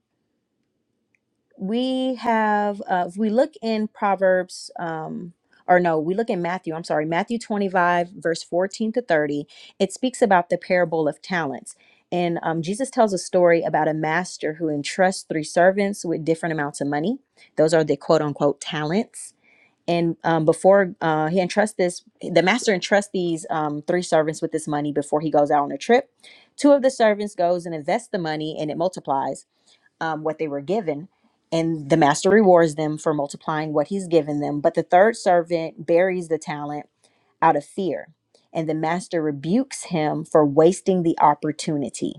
[SPEAKER 5] we have, uh, if we look in Proverbs, um, or no, we look in Matthew, I'm sorry, Matthew 25, verse 14 to 30, it speaks about the parable of talents. And um, Jesus tells a story about a master who entrusts three servants with different amounts of money. Those are the quote unquote talents and um, before uh, he entrusts this, the master entrusts these um, three servants with this money before he goes out on a trip. Two of the servants goes and invests the money, and it multiplies um, what they were given, and the master rewards them for multiplying what he's given them. But the third servant buries the talent out of fear, and the master rebukes him for wasting the opportunity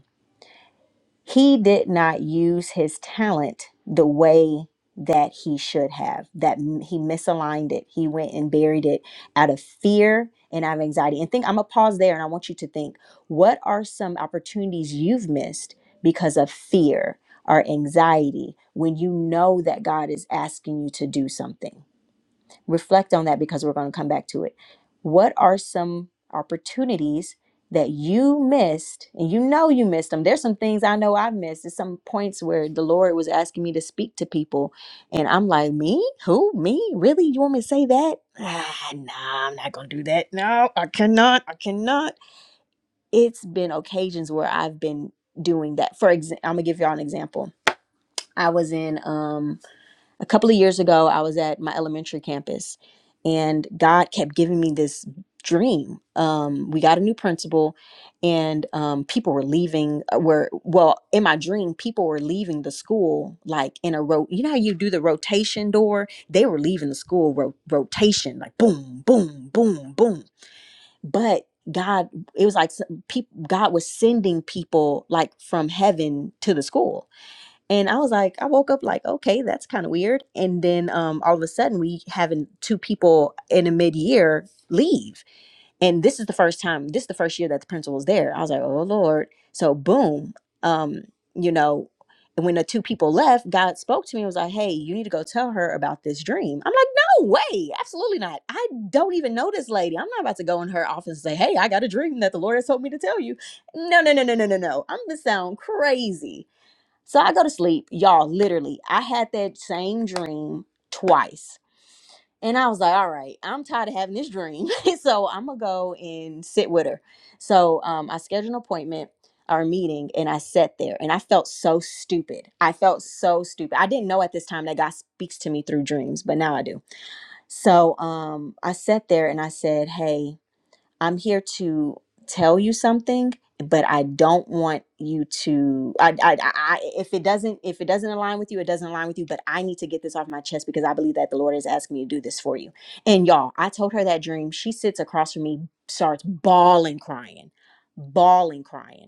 [SPEAKER 5] he did not use his talent the way that he should have that m- he misaligned it he went and buried it out of fear and out of anxiety and think i'm gonna pause there and i want you to think what are some opportunities you've missed because of fear or anxiety when you know that god is asking you to do something reflect on that because we're going to come back to it. What are some opportunities that you missed? And you know you missed them. There's some things I know I have missed. There's some points where the Lord was asking me to speak to people. And I'm like, me? Who? Me? Really? You want me to say that? Ah, nah, I'm not going to do that. No, I cannot. I cannot. It's been occasions where I've been doing that. For example, I'm going to give y'all an example. I was in um a couple of years ago, I was at my elementary campus, and God kept giving me this dream. Um, we got a new principal, and um, people were leaving. uh, Were well in my dream, people were leaving the school like in a row. You know how you do the rotation door? They were leaving the school ro- rotation, like boom, boom, boom, boom. But God, it was like people. God was sending people like from heaven to the school and I was like, I woke up like, okay, that's kind of weird. And then um, all of a sudden, we having two people in a mid year leave, and this is the first time. This is the first year that the principal was there. I was like, oh Lord. So boom, um, you know, and when the two people left, God spoke to me and was like, hey, you need to go tell her about this dream. I'm like, no way, absolutely not. I don't even know this lady. I'm not about to go in her office and say, hey, I got a dream that the Lord has told me to tell you. No, no, no, no, no, no, no. I'm gonna sound crazy. So I go to sleep, y'all. Literally, I had that same dream twice. And I was like, all right, I'm tired of having this dream. so I'm going to go and sit with her. So um, I scheduled an appointment or a meeting and I sat there and I felt so stupid. I felt so stupid. I didn't know at this time that God speaks to me through dreams, but now I do. So um, I sat there and I said, hey, I'm here to tell you something, but I don't want you to I, I I if it doesn't if it doesn't align with you, it doesn't align with you, but I need to get this off my chest because I believe that the Lord is asking me to do this for you. And y'all, I told her that dream. She sits across from me, starts bawling crying, bawling crying.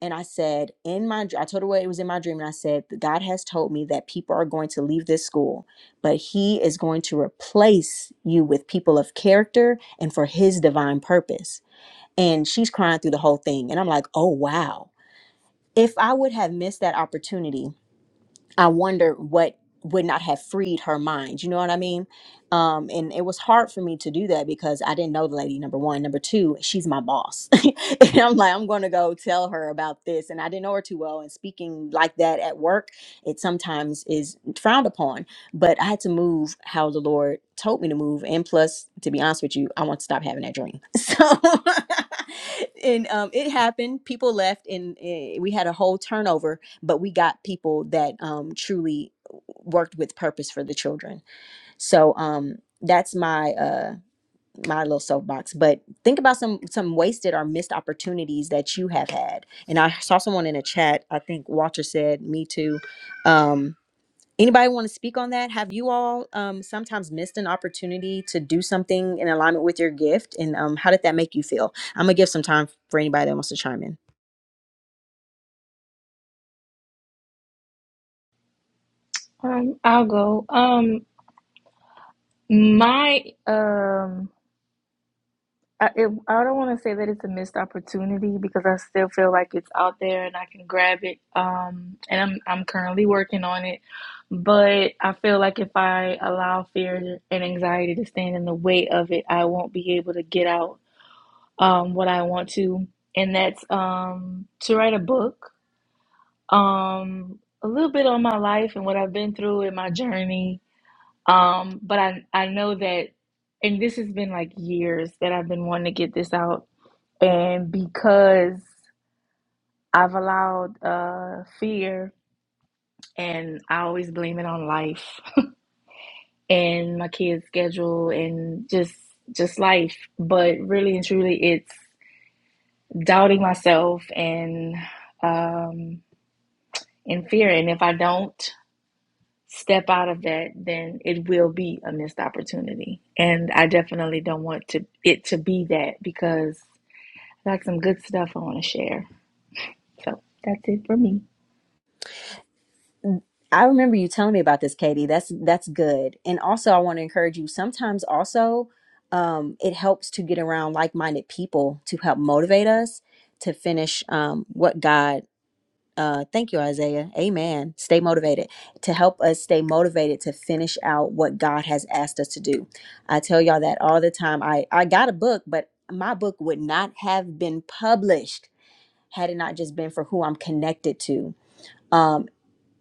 [SPEAKER 5] And I said, in my, I told her what it was in my dream. And I said, God has told me that people are going to leave this school, but He is going to replace you with people of character and for His divine purpose. And she's crying through the whole thing. And I'm like, oh, wow. If I would have missed that opportunity, I wonder what would not have freed her mind. You know what I mean? Um, and it was hard for me to do that because I didn't know the lady. Number one, number two, she's my boss, and I'm like, I'm going to go tell her about this, and I didn't know her too well. And speaking like that at work, it sometimes is frowned upon. But I had to move how the Lord told me to move, and plus, to be honest with you, I want to stop having that dream. So. and um, it happened. People left, and eh, we had a whole turnover but we got people that um, truly worked with purpose for the children. So um, that's my uh, my little soapbox. But think about some some wasted or missed opportunities that you have had. And I saw someone in a chat. I think Walter said, "Me too." Um, anybody want to speak on that? Have you all um, sometimes missed an opportunity to do something in alignment with your gift? And um, how did that make you feel? I'm gonna give some time for anybody that wants to chime in.
[SPEAKER 7] Um, I'll go. Um, my um, I, it, I don't want to say that it's a missed opportunity because I still feel like it's out there and I can grab it. Um, and I'm I'm currently working on it, but I feel like if I allow fear and anxiety to stand in the way of it, I won't be able to get out um what I want to, and that's um to write a book. Um, a little bit on my life and what I've been through in my journey Um, but I I know that, and this has been like years that I've been wanting to get this out, and because I've allowed uh fear, and I always blame it on life and my kids' schedule and just just life. But really and truly, it's doubting myself and um and fear. And if I don't. step out of that, then it will be a missed opportunity. And I definitely don't want to it to be that because I got some good stuff I want to share. So that's it for me.
[SPEAKER 5] I remember you telling me about this, Katie. That's that's good. And also I want to encourage you, sometimes also um, it helps to get around like-minded people to help motivate us to finish um, what God uh, thank you, Isaiah. Amen. Stay motivated to help us stay motivated to finish out what God has asked us to do. I tell y'all that all the time. I, I got a book, but my book would not have been published had it not just been for who I'm connected to Um,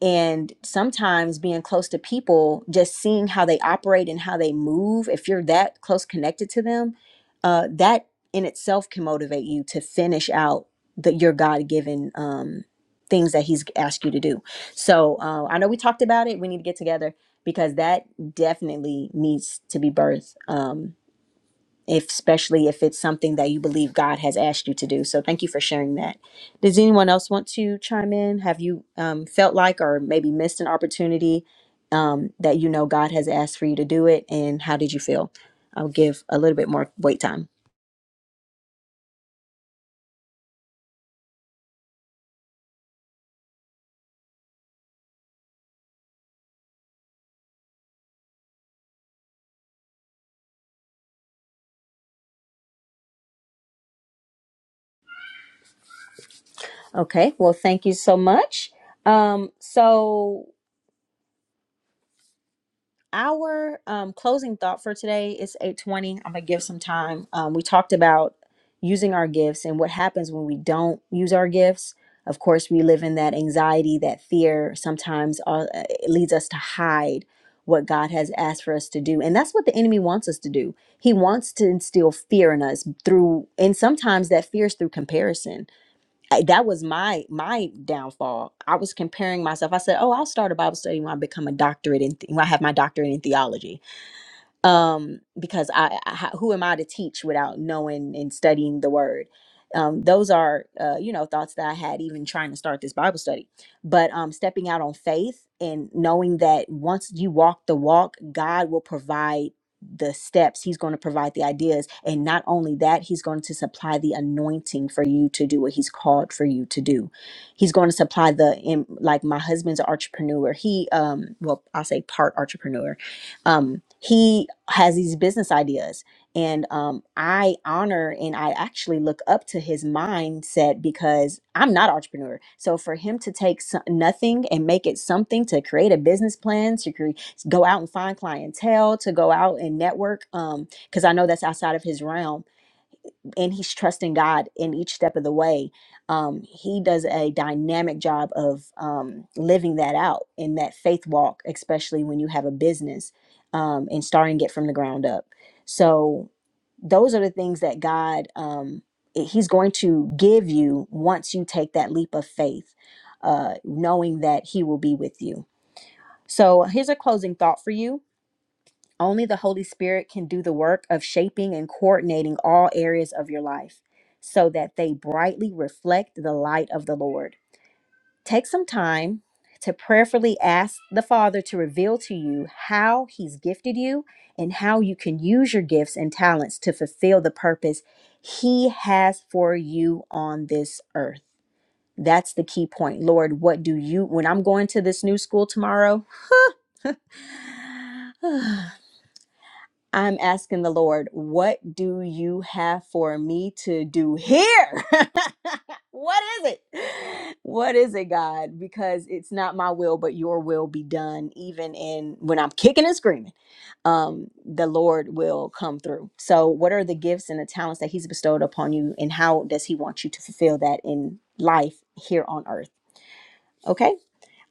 [SPEAKER 5] and sometimes being close to people just seeing how they operate and how they move if you're that close connected to them uh, that in itself can motivate you to finish out the, your god-given um, things that he's asked you to do so uh, i know we talked about it we need to get together because that definitely needs to be birthed Um, if, especially if it's something that you believe God has asked you to do. So thank you for sharing that. Does anyone else want to chime in? Have you um, felt like or maybe missed an opportunity um, that you know God has asked for you to do it? And how did you feel? I'll give a little bit more wait time. Okay, well, thank you so much. Um, so our um, closing thought for today is 820 i'm gonna give some time um, we talked about using our gifts and what happens when we don't use our gifts of course we live in that anxiety that fear sometimes uh, it leads us to hide what god has asked for us to do and that's what the enemy wants us to do he wants to instill fear in us through and sometimes that fear is through comparison I- that was my my downfall. I was comparing myself. I said, "Oh, I'll start a Bible study when I become a doctorate in th- when I have my doctorate in theology." um, because I, I how- who am I to teach without knowing and studying the word? Um, those are uh, you know thoughts that I had even trying to start this Bible study, but um, stepping out on faith and knowing that once you walk the walk, God will provide the steps he's going to provide the ideas and not only that he's going to supply the anointing for you to do what he's called for you to do he's going to supply the in, like my husband's an entrepreneur he um well i'll say part entrepreneur um, he has these business ideas and um, i honor and i actually look up to his mindset because i'm not an entrepreneur so for him to take so- nothing and make it something to create a business plan to create go out and find clientele to go out and network because i know that's outside of his realm and he's trusting God in each step of the way. Um, he does a dynamic job of um, living that out in that faith walk, especially when you have a business um, and starting it from the ground up. So, those are the things that God um, i- He's going to give you once you take that leap of faith, uh, knowing that He will be with you. So, here's a closing thought for you only the Holy Spirit can do the work of shaping and coordinating all areas of your life so that they brightly reflect the light of the Lord. Take some time to prayerfully ask the Father to reveal to you how He's gifted you and how you can use your gifts and talents to fulfill the purpose He has for you on this earth. That's the key point. Lord, what do you, when I'm going to this new school tomorrow, I'm asking the Lord, what do you have for me to do here? what is it? What is it, God? Because it's not my will, but your will be done. Even in when I'm kicking and screaming, um, the Lord will come through. So, what are the gifts and the talents that He's bestowed upon you, and how does He want you to fulfill that in life here on earth? Okay.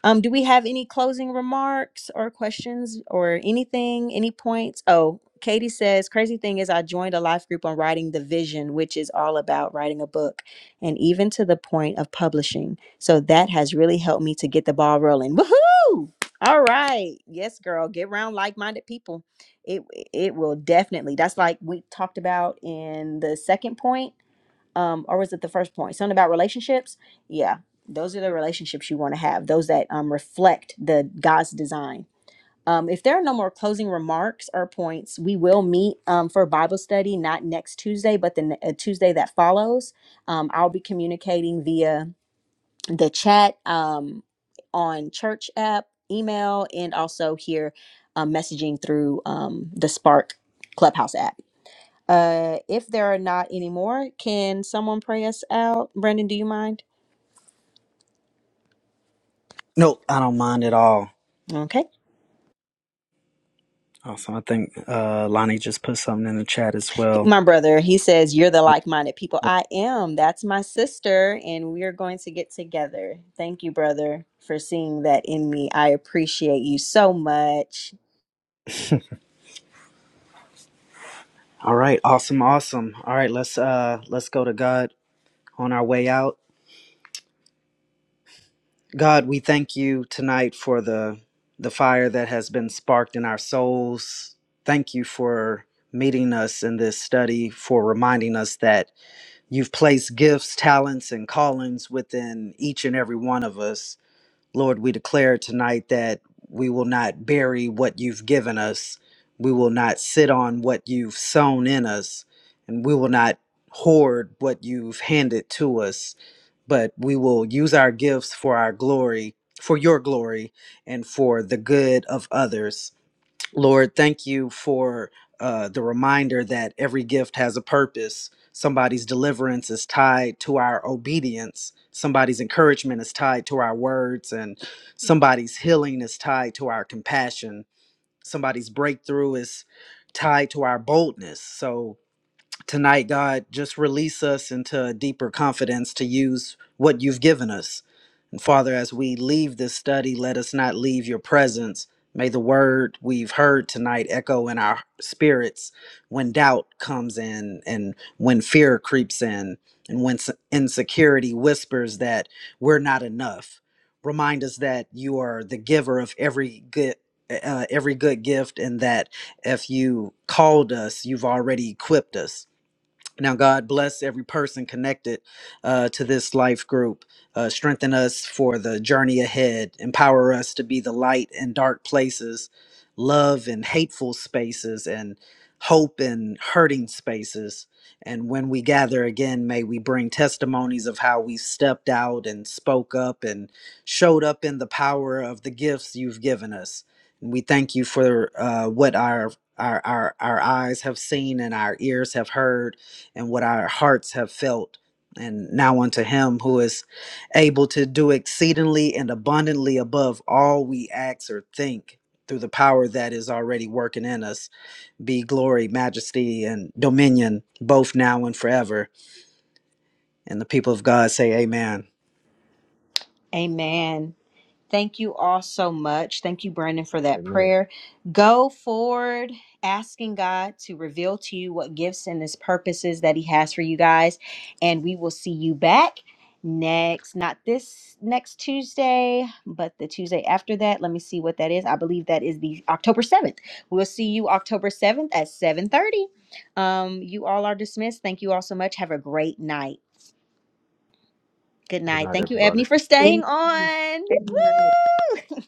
[SPEAKER 5] Um, do we have any closing remarks or questions or anything, any points? Oh, Katie says, crazy thing is, I joined a life group on writing the vision, which is all about writing a book and even to the point of publishing. So that has really helped me to get the ball rolling. Woohoo! All right. Yes, girl, get around like minded people. It, it will definitely, that's like we talked about in the second point um, or was it the first point? Something about relationships. Yeah, those are the relationships you want to have. Those that um, reflect the God's design. Um, if there are no more closing remarks or points, we will meet um, for Bible study not next Tuesday, but the ne- uh, Tuesday that follows. Um, I'll be communicating via the chat um, on church app, email, and also here um, messaging through um, the Spark Clubhouse app. Uh, if there are not any more, can someone pray us out? Brendan, do you mind?
[SPEAKER 3] Nope, I don't mind at all.
[SPEAKER 5] Okay.
[SPEAKER 3] Awesome! I think uh, Lonnie just put something in the chat as well.
[SPEAKER 5] My brother, he says, You're the like minded people. I am. That's my sister. And we are going to get together. Thank you, brother, for seeing that in me. I appreciate you so much.
[SPEAKER 3] All right, awesome, awesome. All right, let's uh let's go to God. on our way out. God, we thank you tonight for the the fire that has been sparked in our souls. Thank you for meeting us in this study, for reminding us that you've placed gifts, talents, and callings within each and every one of us. Lord, we declare tonight that we will not bury what you've given us. We will not sit on what you've sown in us, and we will not hoard what you've handed to us but we will use our gifts for our glory, for your glory, and for the good of others. Lord, thank you for uh, the reminder that every gift has a purpose. Somebody's deliverance is tied to our obedience. Somebody's encouragement is tied to our words, and somebody's healing is tied to our compassion. Somebody's breakthrough is tied to our boldness. So, tonight, God, just release us into a deeper confidence to use what you've given us. And Father, as we leave this study, let us not leave your presence. May the word we've heard tonight echo in our spirits when doubt comes in and when fear creeps in and when s- insecurity whispers that we're not enough. Remind us that you are the giver of every good uh, every good gift and that if you called us, you've already equipped us. Now, God bless every person connected uh, to this life group. Uh, strengthen us for the journey ahead. Empower us to be the light in dark places, love in hateful spaces, and hope in hurting spaces. And when we gather again, may we bring testimonies of how we stepped out and spoke up and showed up in the power of the gifts you've given us. And we thank you for uh, what our, our, our, our eyes have seen and our ears have heard and what our hearts have felt. And now unto him who is able to do exceedingly and abundantly above all we ask or think through the power that is already working in us be glory, majesty, and dominion both now and forever. And the people of God say, Amen.
[SPEAKER 1] Amen. Thank you all so much. Thank you, Brandon, for that
[SPEAKER 2] Amen.
[SPEAKER 1] prayer. Go forward asking God to reveal to you what gifts and his purposes that he has for you guys. And we will see you back next, not this next Tuesday, but the Tuesday after that. Let me see what that is. I believe that is the October 7th. We'll see you October 7th at 7:30. Um, you all are dismissed. Thank you all so much. Have a great night. Good
[SPEAKER 2] Good
[SPEAKER 1] night.
[SPEAKER 2] night,
[SPEAKER 1] Thank you,
[SPEAKER 2] everybody.
[SPEAKER 1] Ebony, for staying on.
[SPEAKER 4] Then